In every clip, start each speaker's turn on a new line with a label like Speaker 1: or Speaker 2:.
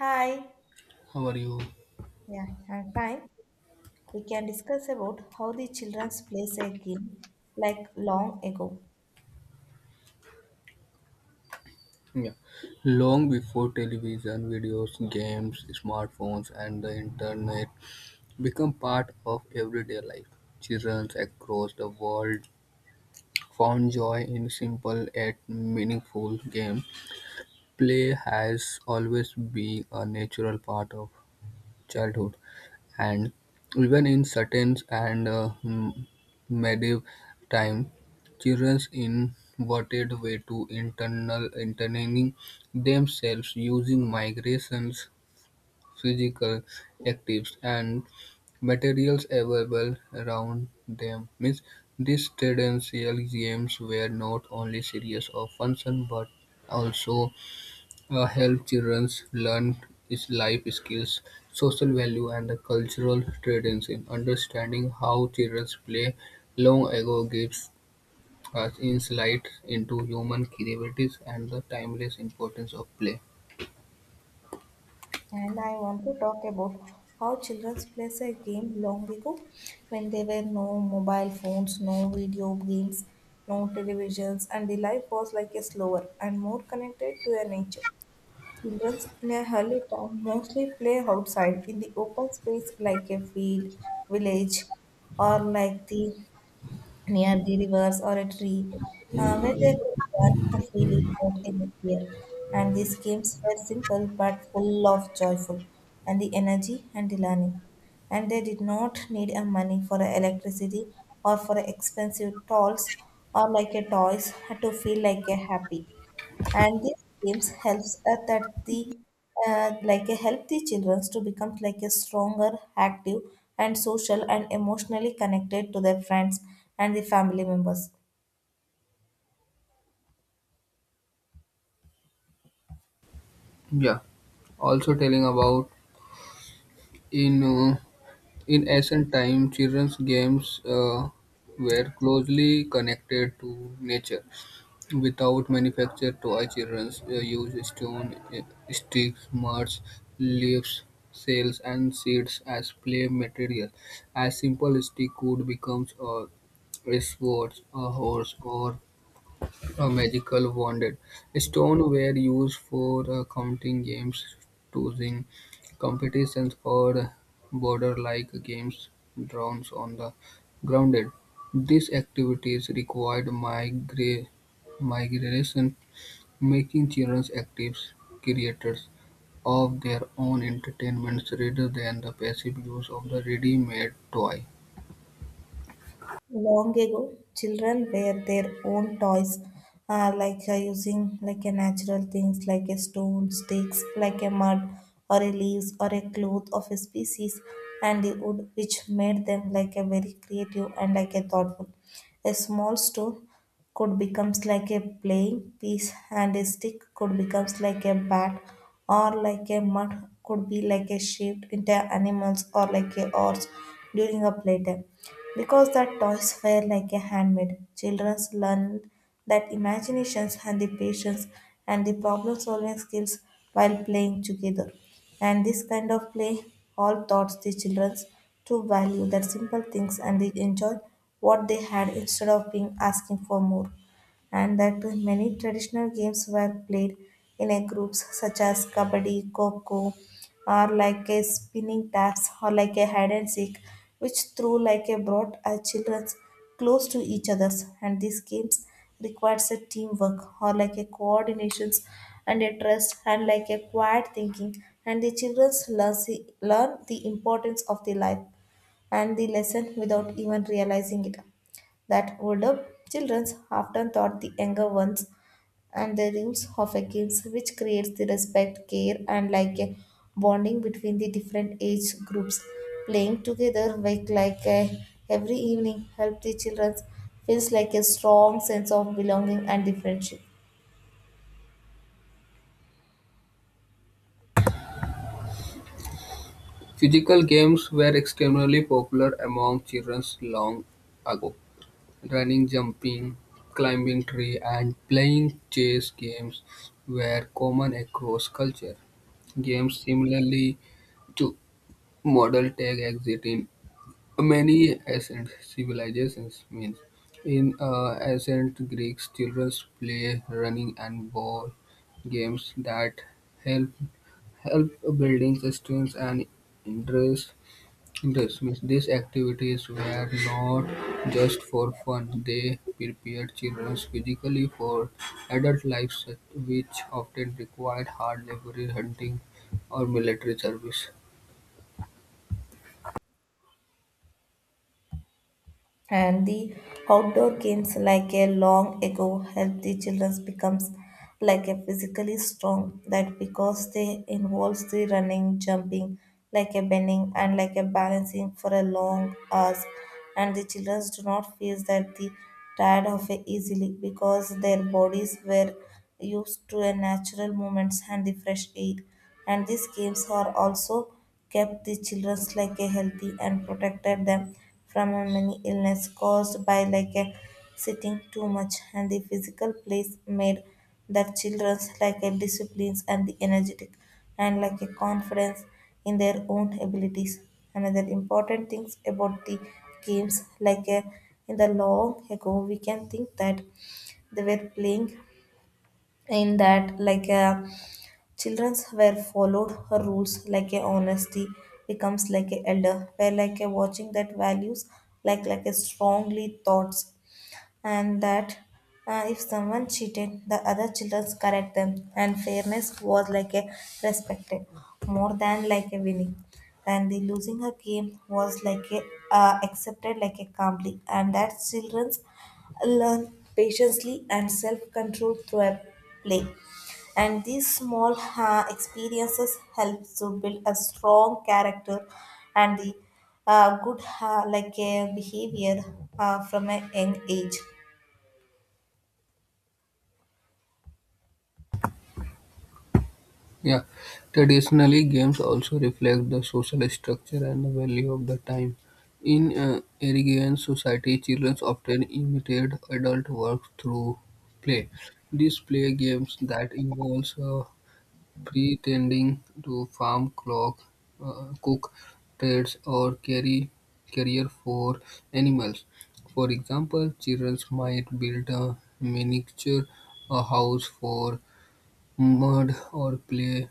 Speaker 1: Hi,
Speaker 2: How are you?
Speaker 1: yeah, I'm fine. We can discuss about how the childrens plays a game like long ago.
Speaker 2: Yeah. Long before television, videos, games, smartphones, and the internet become part of everyday life, children across the world found joy in simple yet meaningful games. Play has always been a natural part of childhood. And even in certain and medieval time, childrens inverted way to internal entertaining themselves using migrations, physical actives, and materials available around them means these traditional games were not only serious of function but also help children learn is life skills, social value, and the cultural traditions. Understanding how children play long ago gives us insight into human creativity and the timeless importance of play.
Speaker 1: And I want to talk about how childrens plays a game long ago when there were no mobile phones, no video games, no televisions, and the life was like a slower and more connected to a nature. Children in a early town mostly play outside in the open space like a field, village, or like the near the rivers or a tree where they could run freely without any fear. And these games were simple but full of joyful and the energy and the learning. And they did not need a money for electricity or for expensive dolls or like a toys to feel like a happy, and these games helps that the like help the children to become like a stronger active and social and emotionally connected to their friends and the family members.
Speaker 2: Yeah. Also telling about in uh, in ancient time, children's games were closely connected to nature. Without manufactured toy, children use stones, sticks, mud, leaves, shells, and seeds as play material. A simple stick could become a sword, a horse, or a magical wand. Stones were used for counting games, choosing competitions, or border-like games drones on the grounded. These activities required migration, making children active creators of their own entertainments rather than the passive use of the ready-made toy.
Speaker 1: Long ago children were their own toys, like using like a natural things like a stone sticks like a mud or a leaves or a cloth of a species and the wood, which made them like a very creative and like a thoughtful. A small stone could becomes like a playing piece and a stick could becomes like a bat, or like a mud could be like a shaped into animals or like a horse during a playtime. Because the toys were like a handmade, children learn that imaginations and the patience and the problem solving skills while playing together, and this kind of play all taught the children to value that simple things and they enjoy what they had instead of being asking for more. And that many traditional games were played in a groups such as kabaddi, coco, or like a spinning taps or like a hide and seek, which through like a brought our children close to each others. And these games requires a teamwork or like a coordinations and a trust and like a quiet thinking. And the children learn the importance of the life and the lesson without even realizing it, that older children often taught the younger ones and the rules of a kids, which creates the respect care and like a bonding between the different age groups. Playing together like a, every evening help the children feels like a strong sense of belonging and the friendship.
Speaker 2: Physical games were extremely popular among children long ago. Running, jumping, climbing trees, and playing chess games were common across culture. Games similarly to model tag exist in many ancient civilizations means in ancient Greeks, children play running and ball games that help help building strength and interest. Interest means these activities were not just for fun; they prepared children physically for adult life, which often required hard labor, hunting, or military service.
Speaker 1: And the outdoor games like a long ago help the children becomes like a physically strong, that because they involves the running jumping like a bending and like a balancing for a long hours, and the children do not feel that the tired of it easily because their bodies were used to a natural movements and the fresh air. And these games are also kept the children like a healthy and protected them from a many illness caused by like a sitting too much, and the physical place made that children's like a disciplines and the energetic and like a confidence in their own abilities. Another important things about the games like a, in the long ago we can think that they were playing in that like a Children's were followed her rules like a honesty becomes like a elder were like a watching that values like a strongly thoughts. And that, if someone cheated, the other children correct them, and fairness was like a respected more than like a winning, and the losing her game was like a, accepted like a calmly, and that children's learn patiently and self-control through a play. And these small experiences help to build a strong character and the good like a behavior, from a young age.
Speaker 2: Yeah. Traditionally, games also reflect the social structure and the value of the time. In agrarian society, children often imitate adult work through play. These play games that involves pretending to farm, clock, cook trades, or carry carrier for animals. For example, children might build a miniature house for mud or clay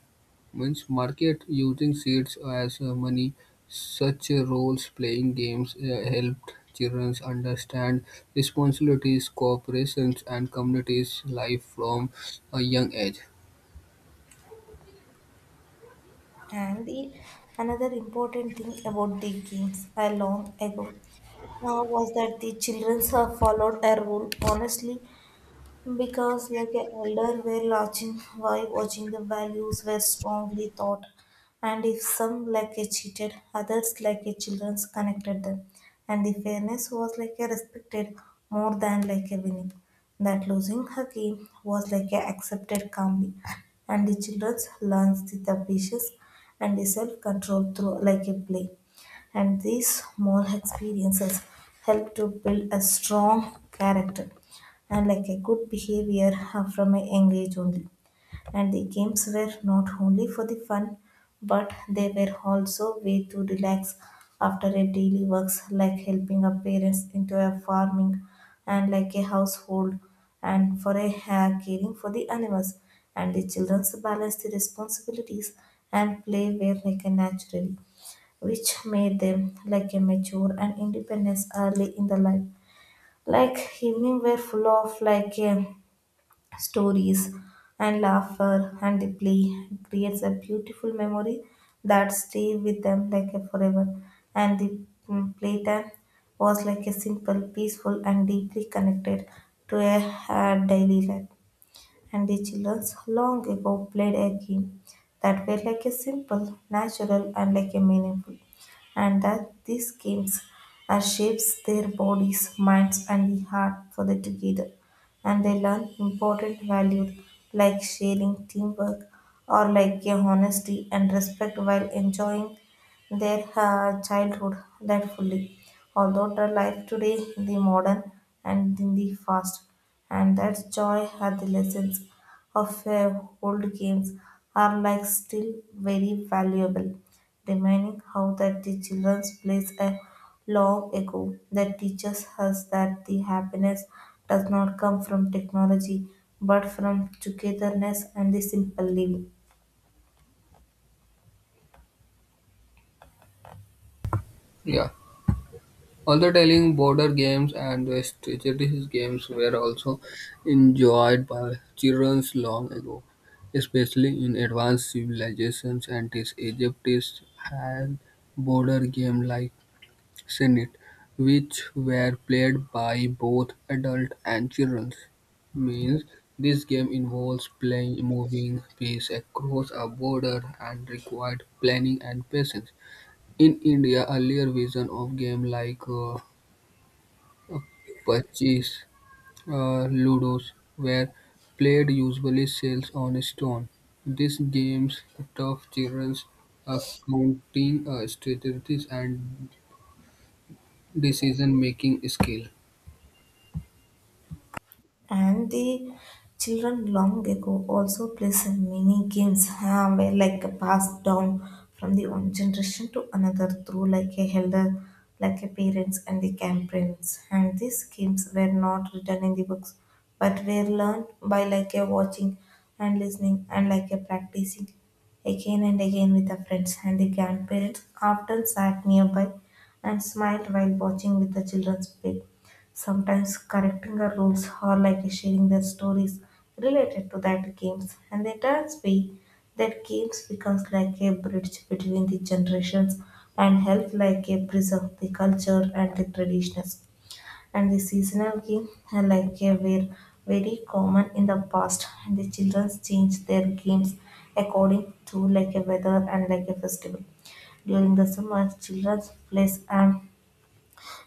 Speaker 2: means market, using seeds as money. Such roles playing games helped children understand responsibilities, corporations, and communities life from a young age.
Speaker 1: And the another important thing about the games, long ago, was that the children have followed a rule honestly because like a elder were watching, while watching the values were strongly taught. And if some like a cheated, others like a children's connected them, and the fairness was like a respected more than like a winning, that losing her game was like a accepted calmly, and the children learns the patience and the self-control through like a play, and these small experiences help to build a strong character and like a good behavior from a young age only. And the games were not only for the fun, but they were also way to relax after a daily works like helping our parents into a farming and like a household and for a caring for the animals. And the children's balance the responsibilities and play were like a naturally, which made them like a mature and independence early in the life. Like evening were full of like stories and laughter and the play, it creates a beautiful memory that stay with them like forever. And the playtime was like a simple peaceful and deeply connected to a, daily life. And the children long ago played a game that were like a simple, natural, and like a meaningful. And that these games are shapes their bodies, minds, and the heart for the together. And they learn important values like sharing, teamwork, or like a honesty and respect while enjoying their childhood that fully. Although the life today, the modern and in the fast, and that joy had the lessons of old games are like still very valuable, reminding how that the children's plays a long ago that teaches us that the happiness does not come from technology but from togetherness and the simple living.
Speaker 2: Yeah. Although telling border games and the strategies games were also enjoyed by children long ago, especially in advanced civilizations and Egypt had border game like Senate, which were played by both adults and children, means this game involves playing moving piece across a border and required planning and patience. In India, earlier versions of game like Pachis, Ludos were played usually shells on stone. These games taught children accounting strategies and decision-making skill.
Speaker 1: And the children long ago also play some mini games, where like passed down from the one generation to another through like a elder like a parents and the grandparents. And these games were not written in the books but were learned by like a watching and listening and like a practicing again and again with the friends, and the grandparents often sat nearby and smiled while watching with the children's play, sometimes correcting the rules or like sharing their stories related to that games. And they turns be that games becomes like a bridge between the generations and help like a preserve the culture and the traditions. And the seasonal game, like were very common in the past, and the children change their games according to like a weather and like a festival. During the summer children plays and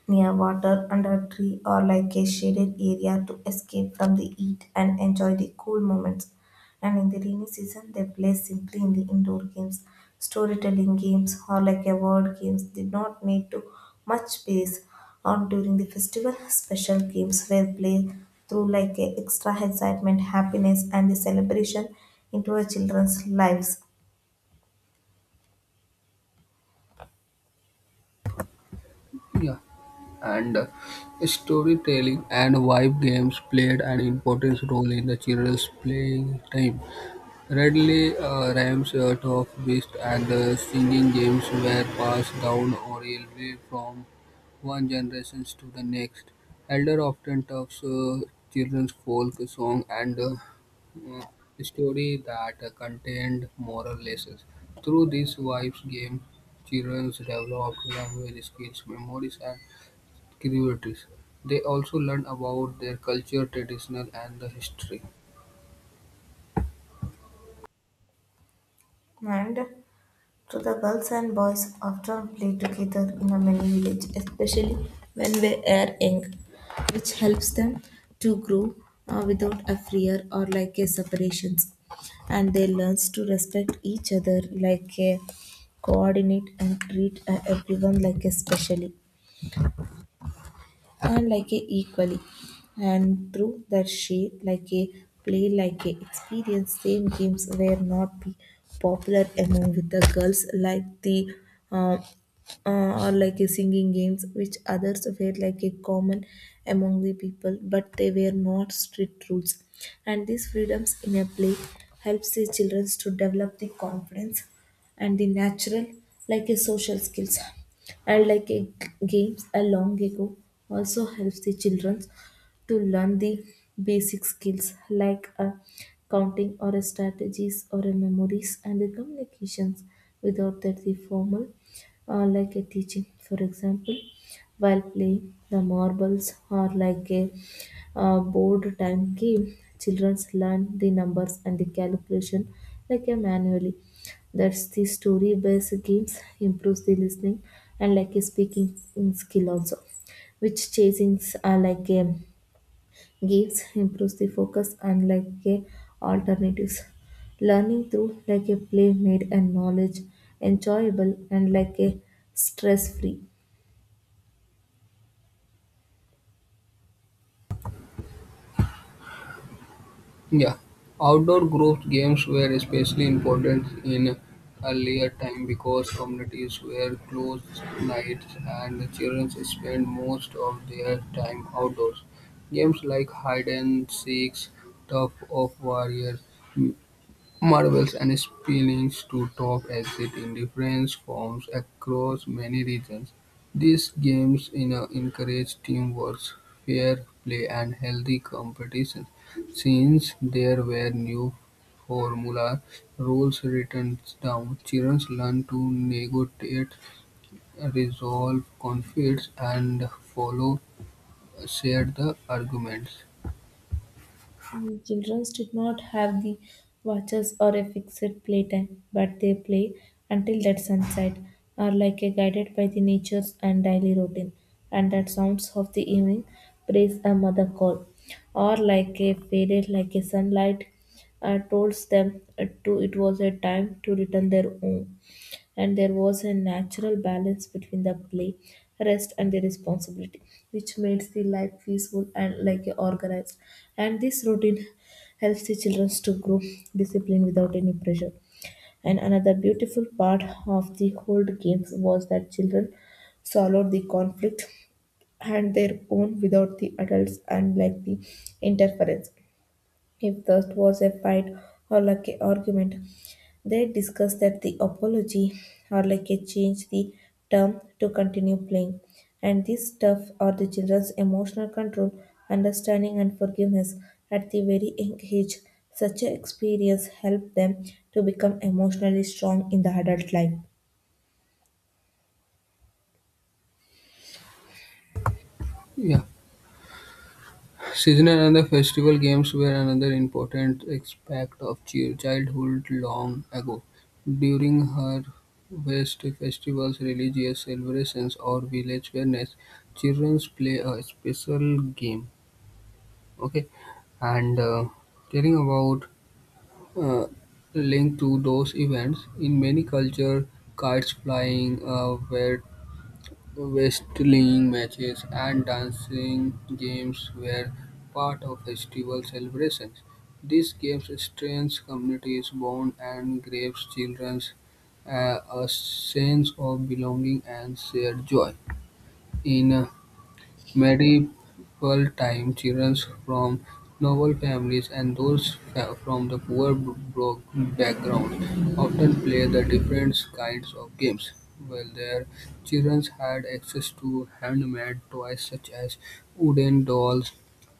Speaker 1: near water under a tree or like a shaded area to escape from the heat and enjoy the cool moments. And in the rainy season, they play simply in the indoor games. Storytelling games or like a word games did not need to much space. Or during the festival, special games were played through like a extra excitement, happiness, and the celebration into our children's lives.
Speaker 2: Yeah, and storytelling and vibe games played an important role in the children's playing time. Readily, rhymes, talk, beasts, and singing games were passed down orally from one generation to the next. Elder often taught children's folk song and story that contained moral lessons. Through these wives game, children developed language skills, memories, and curiosities. They also learn about their culture, traditional, and the history.
Speaker 1: And so the girls and boys often play together in a mini village, especially when they are young, which helps them to grow without a fear or like a separations. And they learn to respect each other like a coordinate and treat everyone like especially. And like a equally, and through that she like a play like a experience same games were not be popular among with the girls, like the uh, or like a singing games which others were like a common among the people, but they were not strict rules, and these freedoms in a play helps the children to develop the confidence and the natural like a social skills. And like a, games along ago also helps the children to learn the basic skills like counting or a strategies or a memories and the communications without that the formal like a teaching. For example, while playing the marbles or like a board time game, children learn the numbers and the calculation like a manually. That's the story based games improves the listening and like a speaking skill also. Which chasings are like a games improves the focus and like a alternatives. Learning through like a play made and knowledge enjoyable and like a stress free.
Speaker 2: Yeah, outdoor group games were especially important in earlier time because communities were close nights and the children spent most of their time outdoors. Games like hide and seek, tug of warriors, marbles and spillings to top exist in different forms across many regions. These games, you know, encourage teamwork, fair play, and healthy competition. Since there were new formula rules written down, children learn to negotiate, resolve conflicts, and follow shared arguments.
Speaker 1: Children did not have the watches or a fixed playtime, but they play until that sunset, are like a guided by the nature's and daily routine. And that sounds of the evening praise a mother call, or like a faded like a sunlight, told them to it was a time to return their home, and there was a natural balance between the play, rest, and the responsibility, which makes the life peaceful and like organized. And this routine helps the children to grow discipline without any pressure. And another beautiful part of the whole games was that children swallowed the conflict and their own without the adults and like the interference. If that was a fight or like an argument, they discussed that the apology or like a change the term to continue playing. And this stuff or the children's emotional control, understanding and forgiveness at the very young age. Such an experience helped them to become emotionally strong in the adult life.
Speaker 2: Yeah. Seasonal and the festival games were another important aspect of childhood long ago. During harvest festivals, religious celebrations, or village fairness, children play a special game. Okay, and telling about uh, linked to those events in many culture, kites flying were wrestling matches and dancing games were part of festival celebrations. These games strengthened communities bond and gave children a sense of belonging and shared joy. In medieval times, children from noble families and from the poor backgrounds often played the different kinds of games, while their children had access to handmade toys such as wooden dolls,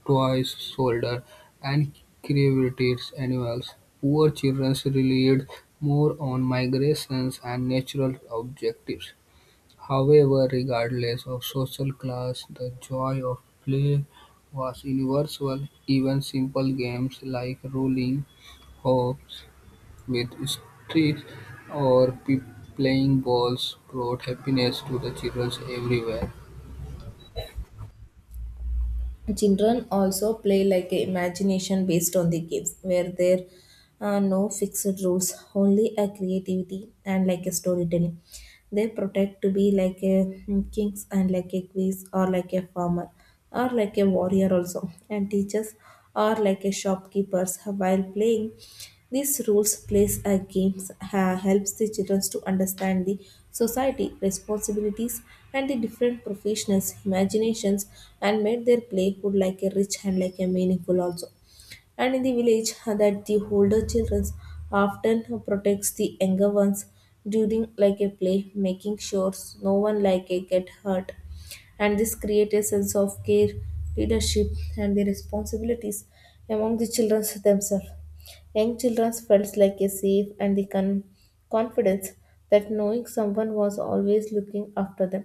Speaker 2: toys, solder, and created animals. Poor children relied more on migrations and natural objectives. However, regardless of social class, the joy of play was universal; even simple games like rolling hops with sticks or playing balls brought happiness to the children everywhere.
Speaker 1: Children also play like a imagination based on the games where there are no fixed rules, only a creativity and like a storytelling. They protect to be like a kings and like a quiz or like a farmer or like a warrior also and teaches or like a shopkeepers while playing these rules plays a games helps the children to understand the society responsibilities and the different professionals imaginations and made their play would like a rich and like a meaningful also, and in the village that the older children often protects the younger ones during like a play, making sure no one like a get hurt. And this creates a sense of care, leadership, and the responsibilities among the children themselves. Young children felt like a safe and the confidence that knowing someone was always looking after them,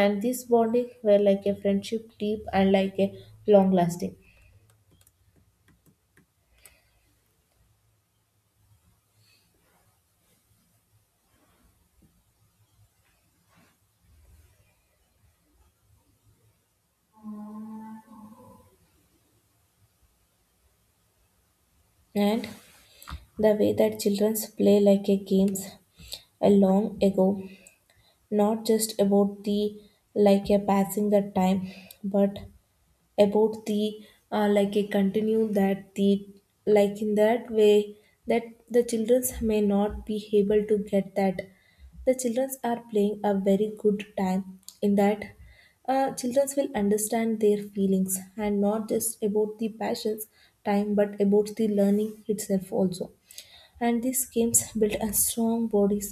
Speaker 1: and this bonding were like a friendship deep and like a long lasting. And the way that childrens play like a games a long ago, not just about the like a passing the time, but about the like a continue that the like in that way that the childrens may not be able to get that the childrens are playing a very good time in that. Children will understand their feelings and not just about the passions time but about the learning itself also. And these schemes build a strong bodies,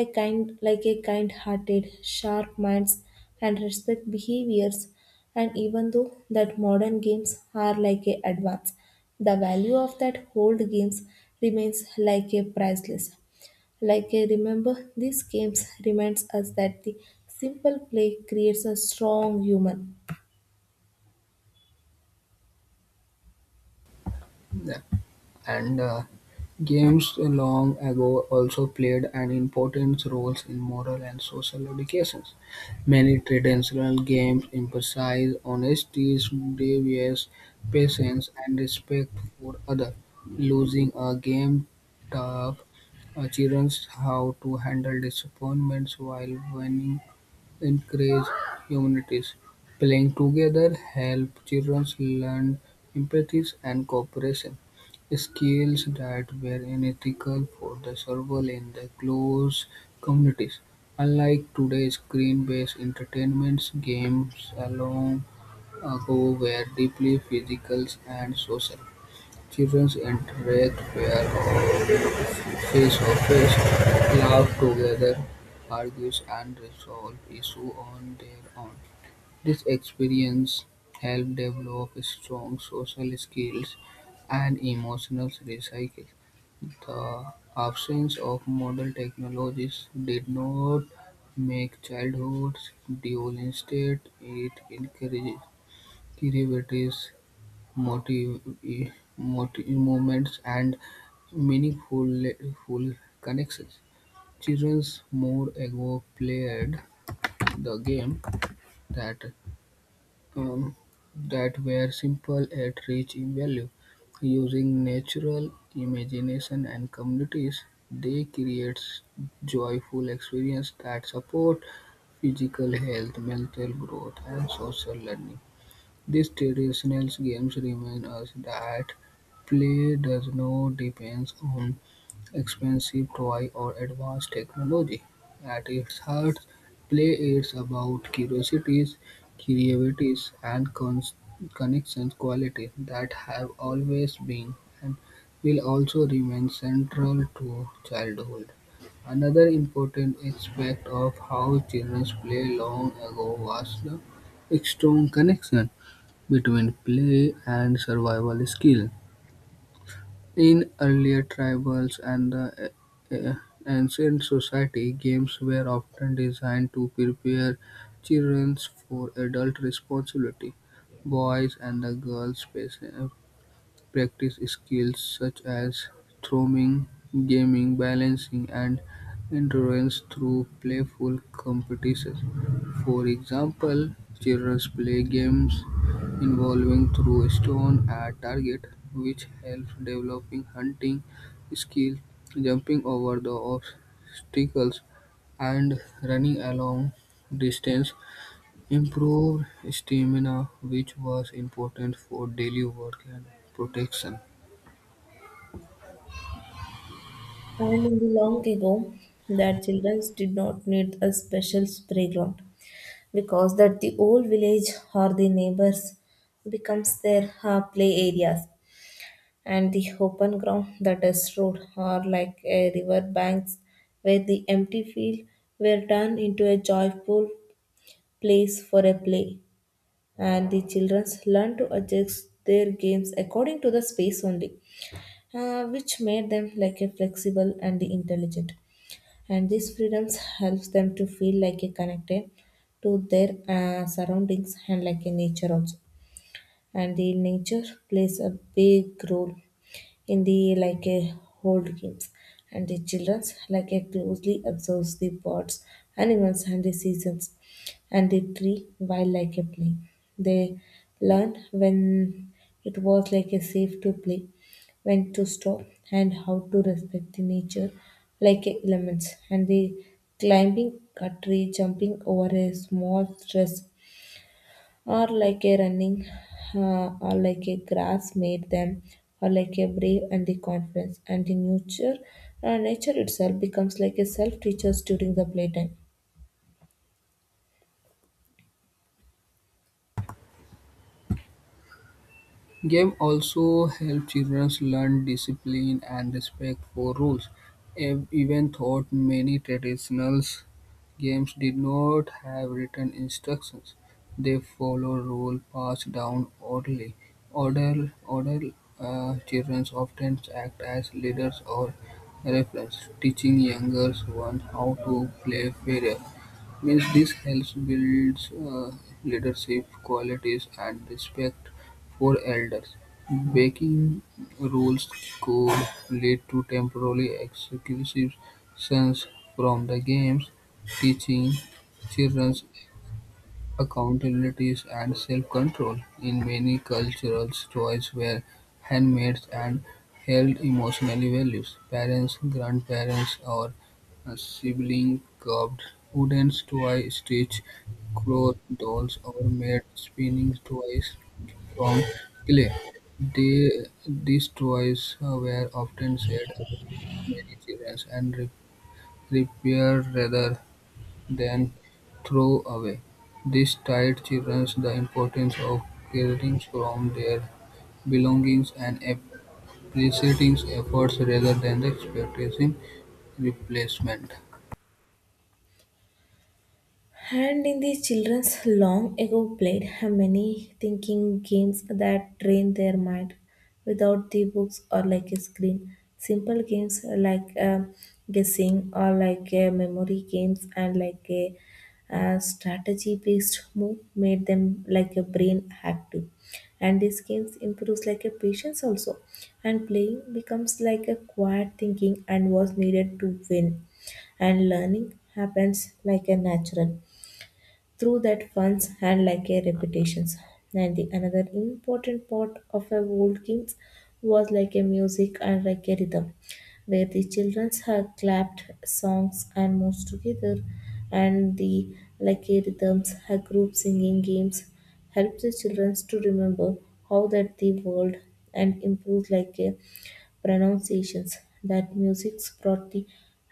Speaker 1: a kind like a kind hearted, sharp minds, and respect behaviors. And even though that modern games are like a advance, the value of that old games remains like a priceless. Like I remember, these games reminds us that the simple play creates a strong human.
Speaker 2: And games long ago also played an important role in moral and social educations. Many traditional games emphasize honesty, devious patience, and respect for others. Losing a game taught children how to handle disappointments, while winning encourage humanities; playing together help children learn empathy and cooperation, skills that were unethical for the survival in the close communities. Unlike today's screen-based entertainments, games a long ago were deeply physical and social. Children interact where his office club together, argue and resolve issues on their own. This experience helped develop strong social skills and emotional resilience. The absence of modern technologies did not make childhood dull. Instead, it encouraged creativity, motive, motive, movements, and meaningful full connections. Childrens more ago played the game that um, that were simple yet rich in value. Using natural imagination and communities, they create joyful experience that support physical health, mental growth, and social learning. These traditional games remind us that play does not depend on expensive toy or advanced technology. At its heart, play is about curiosities, creativities, and connections quality that have always been and will also remain central to childhood. Another important aspect of how children play long ago was the strong connection between play and survival skill. In earlier tribals and the uh, ancient society, games were often designed to prepare children for adult responsibility. Boys and the girls practice skills such as throwing, gaming, balancing, and endurance through playful competitions. For example, children play games involving throw a stone at target, which helps developing hunting skills, jumping over the obstacles, and running along distance. Improve stamina, which was important for daily work and protection.
Speaker 1: And in the long ago, that children did not need a special playground because that the old village or the neighbors becomes their play areas, and the open ground that is road or like a river banks where the empty field were turned into a joyful place for a play. And the children learn to adjust their games according to the space only, which made them like a flexible and intelligent. And these freedoms helps them to feel like a connected to their surroundings and like a nature also. And the nature plays a big role in the like a hold games, and the children's like a closely observes the birds, animals and the seasons and the tree while like a play. They learn when it was like a safe to play, when to stop, and how to respect the nature like a elements. And the climbing a tree, jumping over a small stress, or like a running or like a grass made them or like a brave and the confidence. And the nature, nature itself becomes like a self teachers during the playtime.
Speaker 2: Game also help children learn discipline and respect for rules, even though many traditional games did not have written instructions. They follow rules passed down orally. Older children often act as leaders or referees, teaching younger ones how to play fairly means this helps builds leadership qualities and respect for elders. Breaking rules could lead to temporary exclusions from the games, teaching children accountability and self-control in many cultures toys were handmade and held emotional values; parents, grandparents, or siblings carved wooden toy stitched cloth dolls, or made spinning toys from clay. These toys were often shared among many children and repaired rather than throw away. This taught children the importance of caring for their belongings and appreciating efforts rather than expecting replacement.
Speaker 1: And in the children's long ago played many thinking games that train their mind without the books or like a screen. Simple games like guessing or like memory games and like a strategy based move made them like a brain active. And these games improves like a patience also. And playing becomes like a quiet thinking and was needed to win. And learning happens like a natural through that funds had like a reputations. And the another important part of a old kings was like a music and like a rhythm, where the children had clapped songs and moves together, and the like a rhythms, a group singing games help the children to remember how that the world and improve like a pronunciations that music's brought the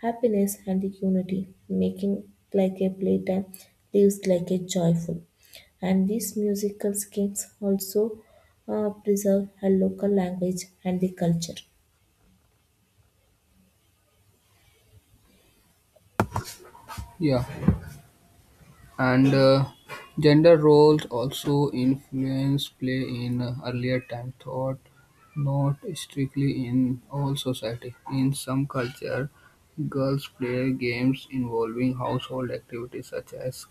Speaker 1: happiness and the unity, making like a playtime lives like a joyful. And these musical schemes also preserve a local language and the culture.
Speaker 2: Yeah, and gender roles also influence play in earlier time thought, not strictly in all society. In some culture, girls play games involving household activities such as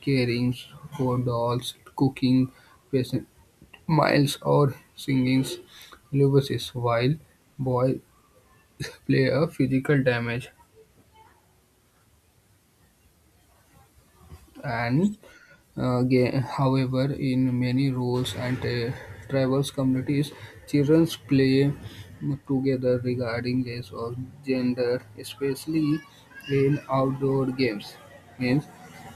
Speaker 2: caring for dolls, cooking pastimes, or singing lullabies, while boys play a physical damage and however, in many rules and tribal communities, children play together regarding race or gender, especially in outdoor games. Means,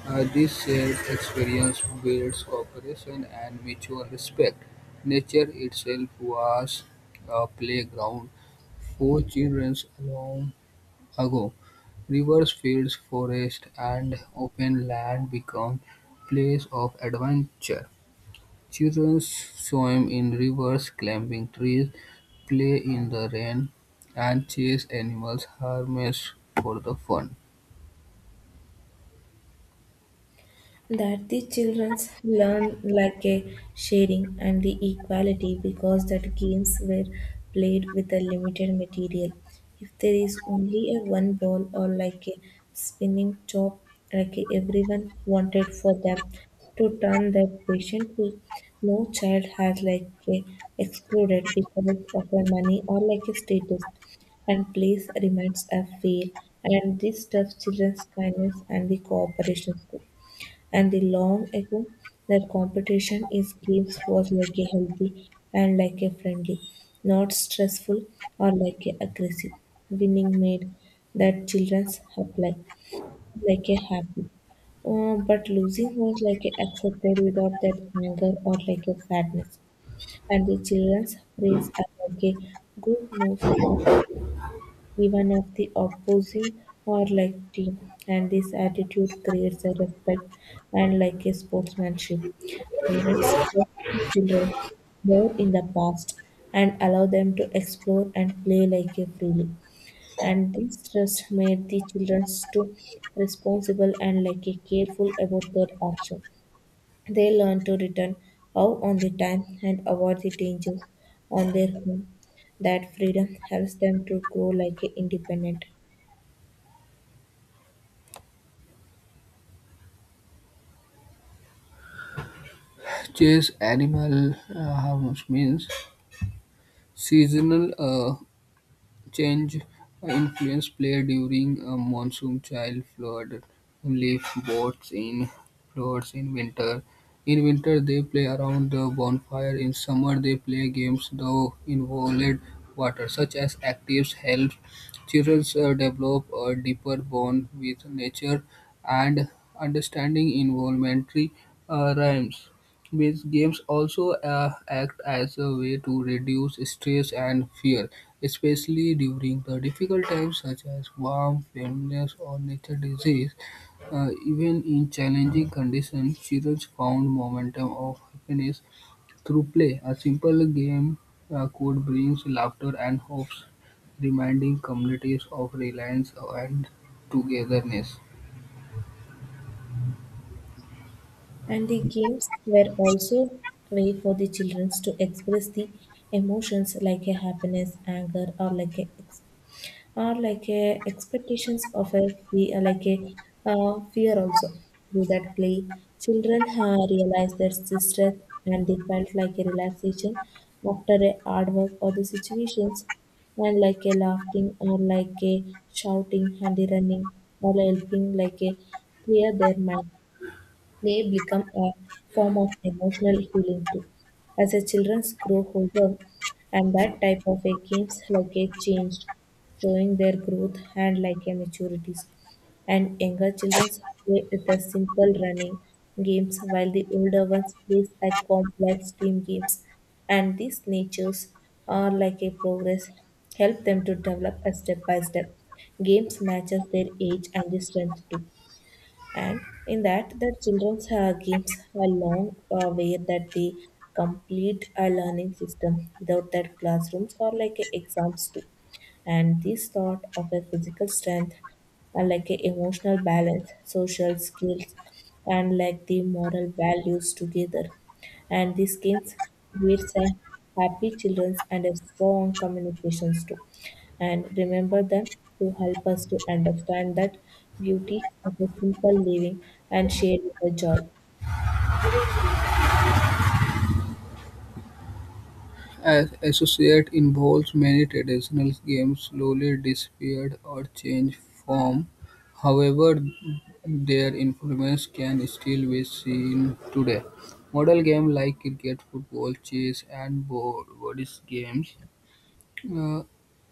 Speaker 2: this shared experience builds cooperation and mutual respect. Nature itself was a playground for children along ago, rivers, fields, forests, and open land become place of adventure. Children swim in rivers, climbing trees, play in the rain, and chase animals harmless for the fun.
Speaker 1: That the childrens learn like a sharing and the equality because that games were played with a limited material. If there is only a one ball or like a spinning top, like a everyone wanted for them to turn that patient to no child has like a exploded because of a money or like a status and place remains a fail. And this stuff children's kindness and the cooperation too. And the long ago that competition in games was like a healthy and like a friendly, not stressful or like a aggressive. Winning made that children's apply like a happy. But losing was like a accepted without that anger or like a sadness. And the children's praise are like a good moves even of the opposing or like team, and this attitude creates a respect and like a sportsmanship. Parents trust their children more in the past and allow them to explore and play like a freely, and this trust made the children to responsible and like a careful about their action. They learn to return how on the time and avoid the dangers on their home. That freedom helps them to grow like an independent.
Speaker 2: Chase animal harmless means seasonal change influence play during a monsoon child flood leaf boats in floods in winter, in winter they play around the bonfire, in summer they play games though involved water such as actives help children develop a deeper bond with nature and understanding involuntary rhymes. These games also act as a way to reduce stress and fear, especially during the difficult times such as warm, illness, or nature disease. Even in challenging conditions, children found momentum of happiness through play. A simple game could bring laughter and hopes, reminding communities of reliance and togetherness.
Speaker 1: And the games were also a way for the children to express the emotions like a happiness, anger, or like a or like a expectations of a like a fear also. Through that play, children realized their strength and they felt like a relaxation after a hard work or the situations, and like a laughing or like a shouting and the running or helping like a clear their mind. Play become a form of emotional healing too. As the children grow older, and that type of a games like a changed, showing their growth and like a maturities. And younger children play with the simple running games, while the older ones play at complex team games. And these natures are like a progress, help them to develop a step by step. Games matches their age and the strength too. And in that the children's games along way that they complete a learning system without that classrooms or like a exams too. And this thought of a physical strength and like a emotional balance, social skills, and like the moral values together, and these games creates a happy children's and a strong communications too, and remember them to help us to understand that beauty of a simple living and share the joy.
Speaker 2: As associate involves many traditional games slowly disappeared or changed form. However, their influence can still be seen today. Model games like cricket, football, chess, and board games uh,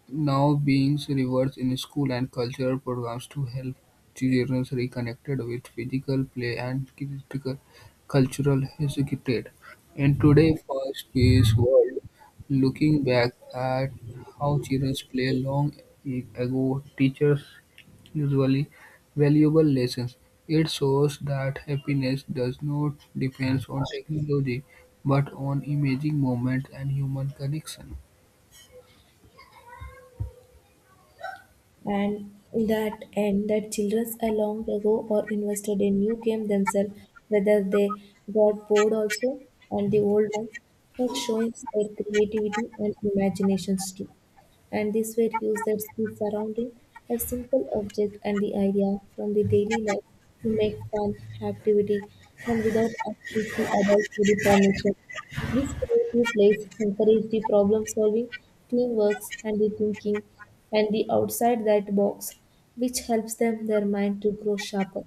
Speaker 2: now being reversed in school and cultural programs to help children reconnected with physical play and critical cultural heritage. In today's fast-paced world, looking back at how children play long ago teachers usually valuable lessons. It shows that happiness does not depend on technology but on imaging moments and human connection.
Speaker 1: And in that end, that childrens a long ago or invested in new game themselves whether they got bored also, and the old ones, but showing their creativity and imaginations too. And this way use their skills surrounding a simple object and the idea from the daily life to make fun activity, and without asking the adult for the permission, these creative plays encourage the problem solving, teamwork, and the thinking and the outside that box, which helps them their mind to grow sharper.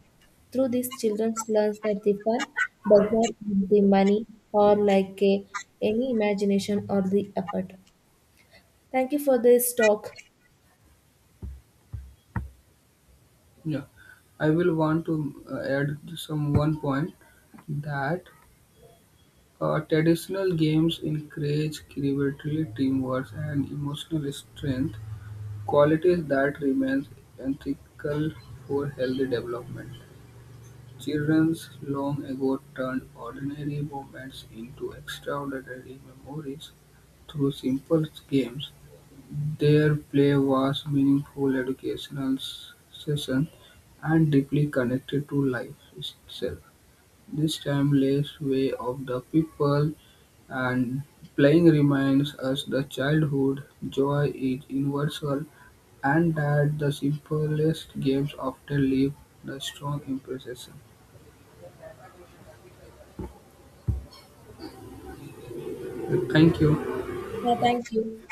Speaker 1: Through this, children learn that the fun does not need the money or like a, any imagination or the effort. Thank you for this talk.
Speaker 2: Yeah, I will want to add some one point that traditional games encourage creativity, teamwork, and emotional strength, qualities that remain ethical for healthy development. Childrens long ago turned ordinary moments into extraordinary memories through simple games their play was meaningful educational session and deeply connected to life itself, this timeless way of the people and playing reminds us the childhood joy is universal and that the simplest games often leave the strong impression. Thank you.
Speaker 1: Yeah, thank you.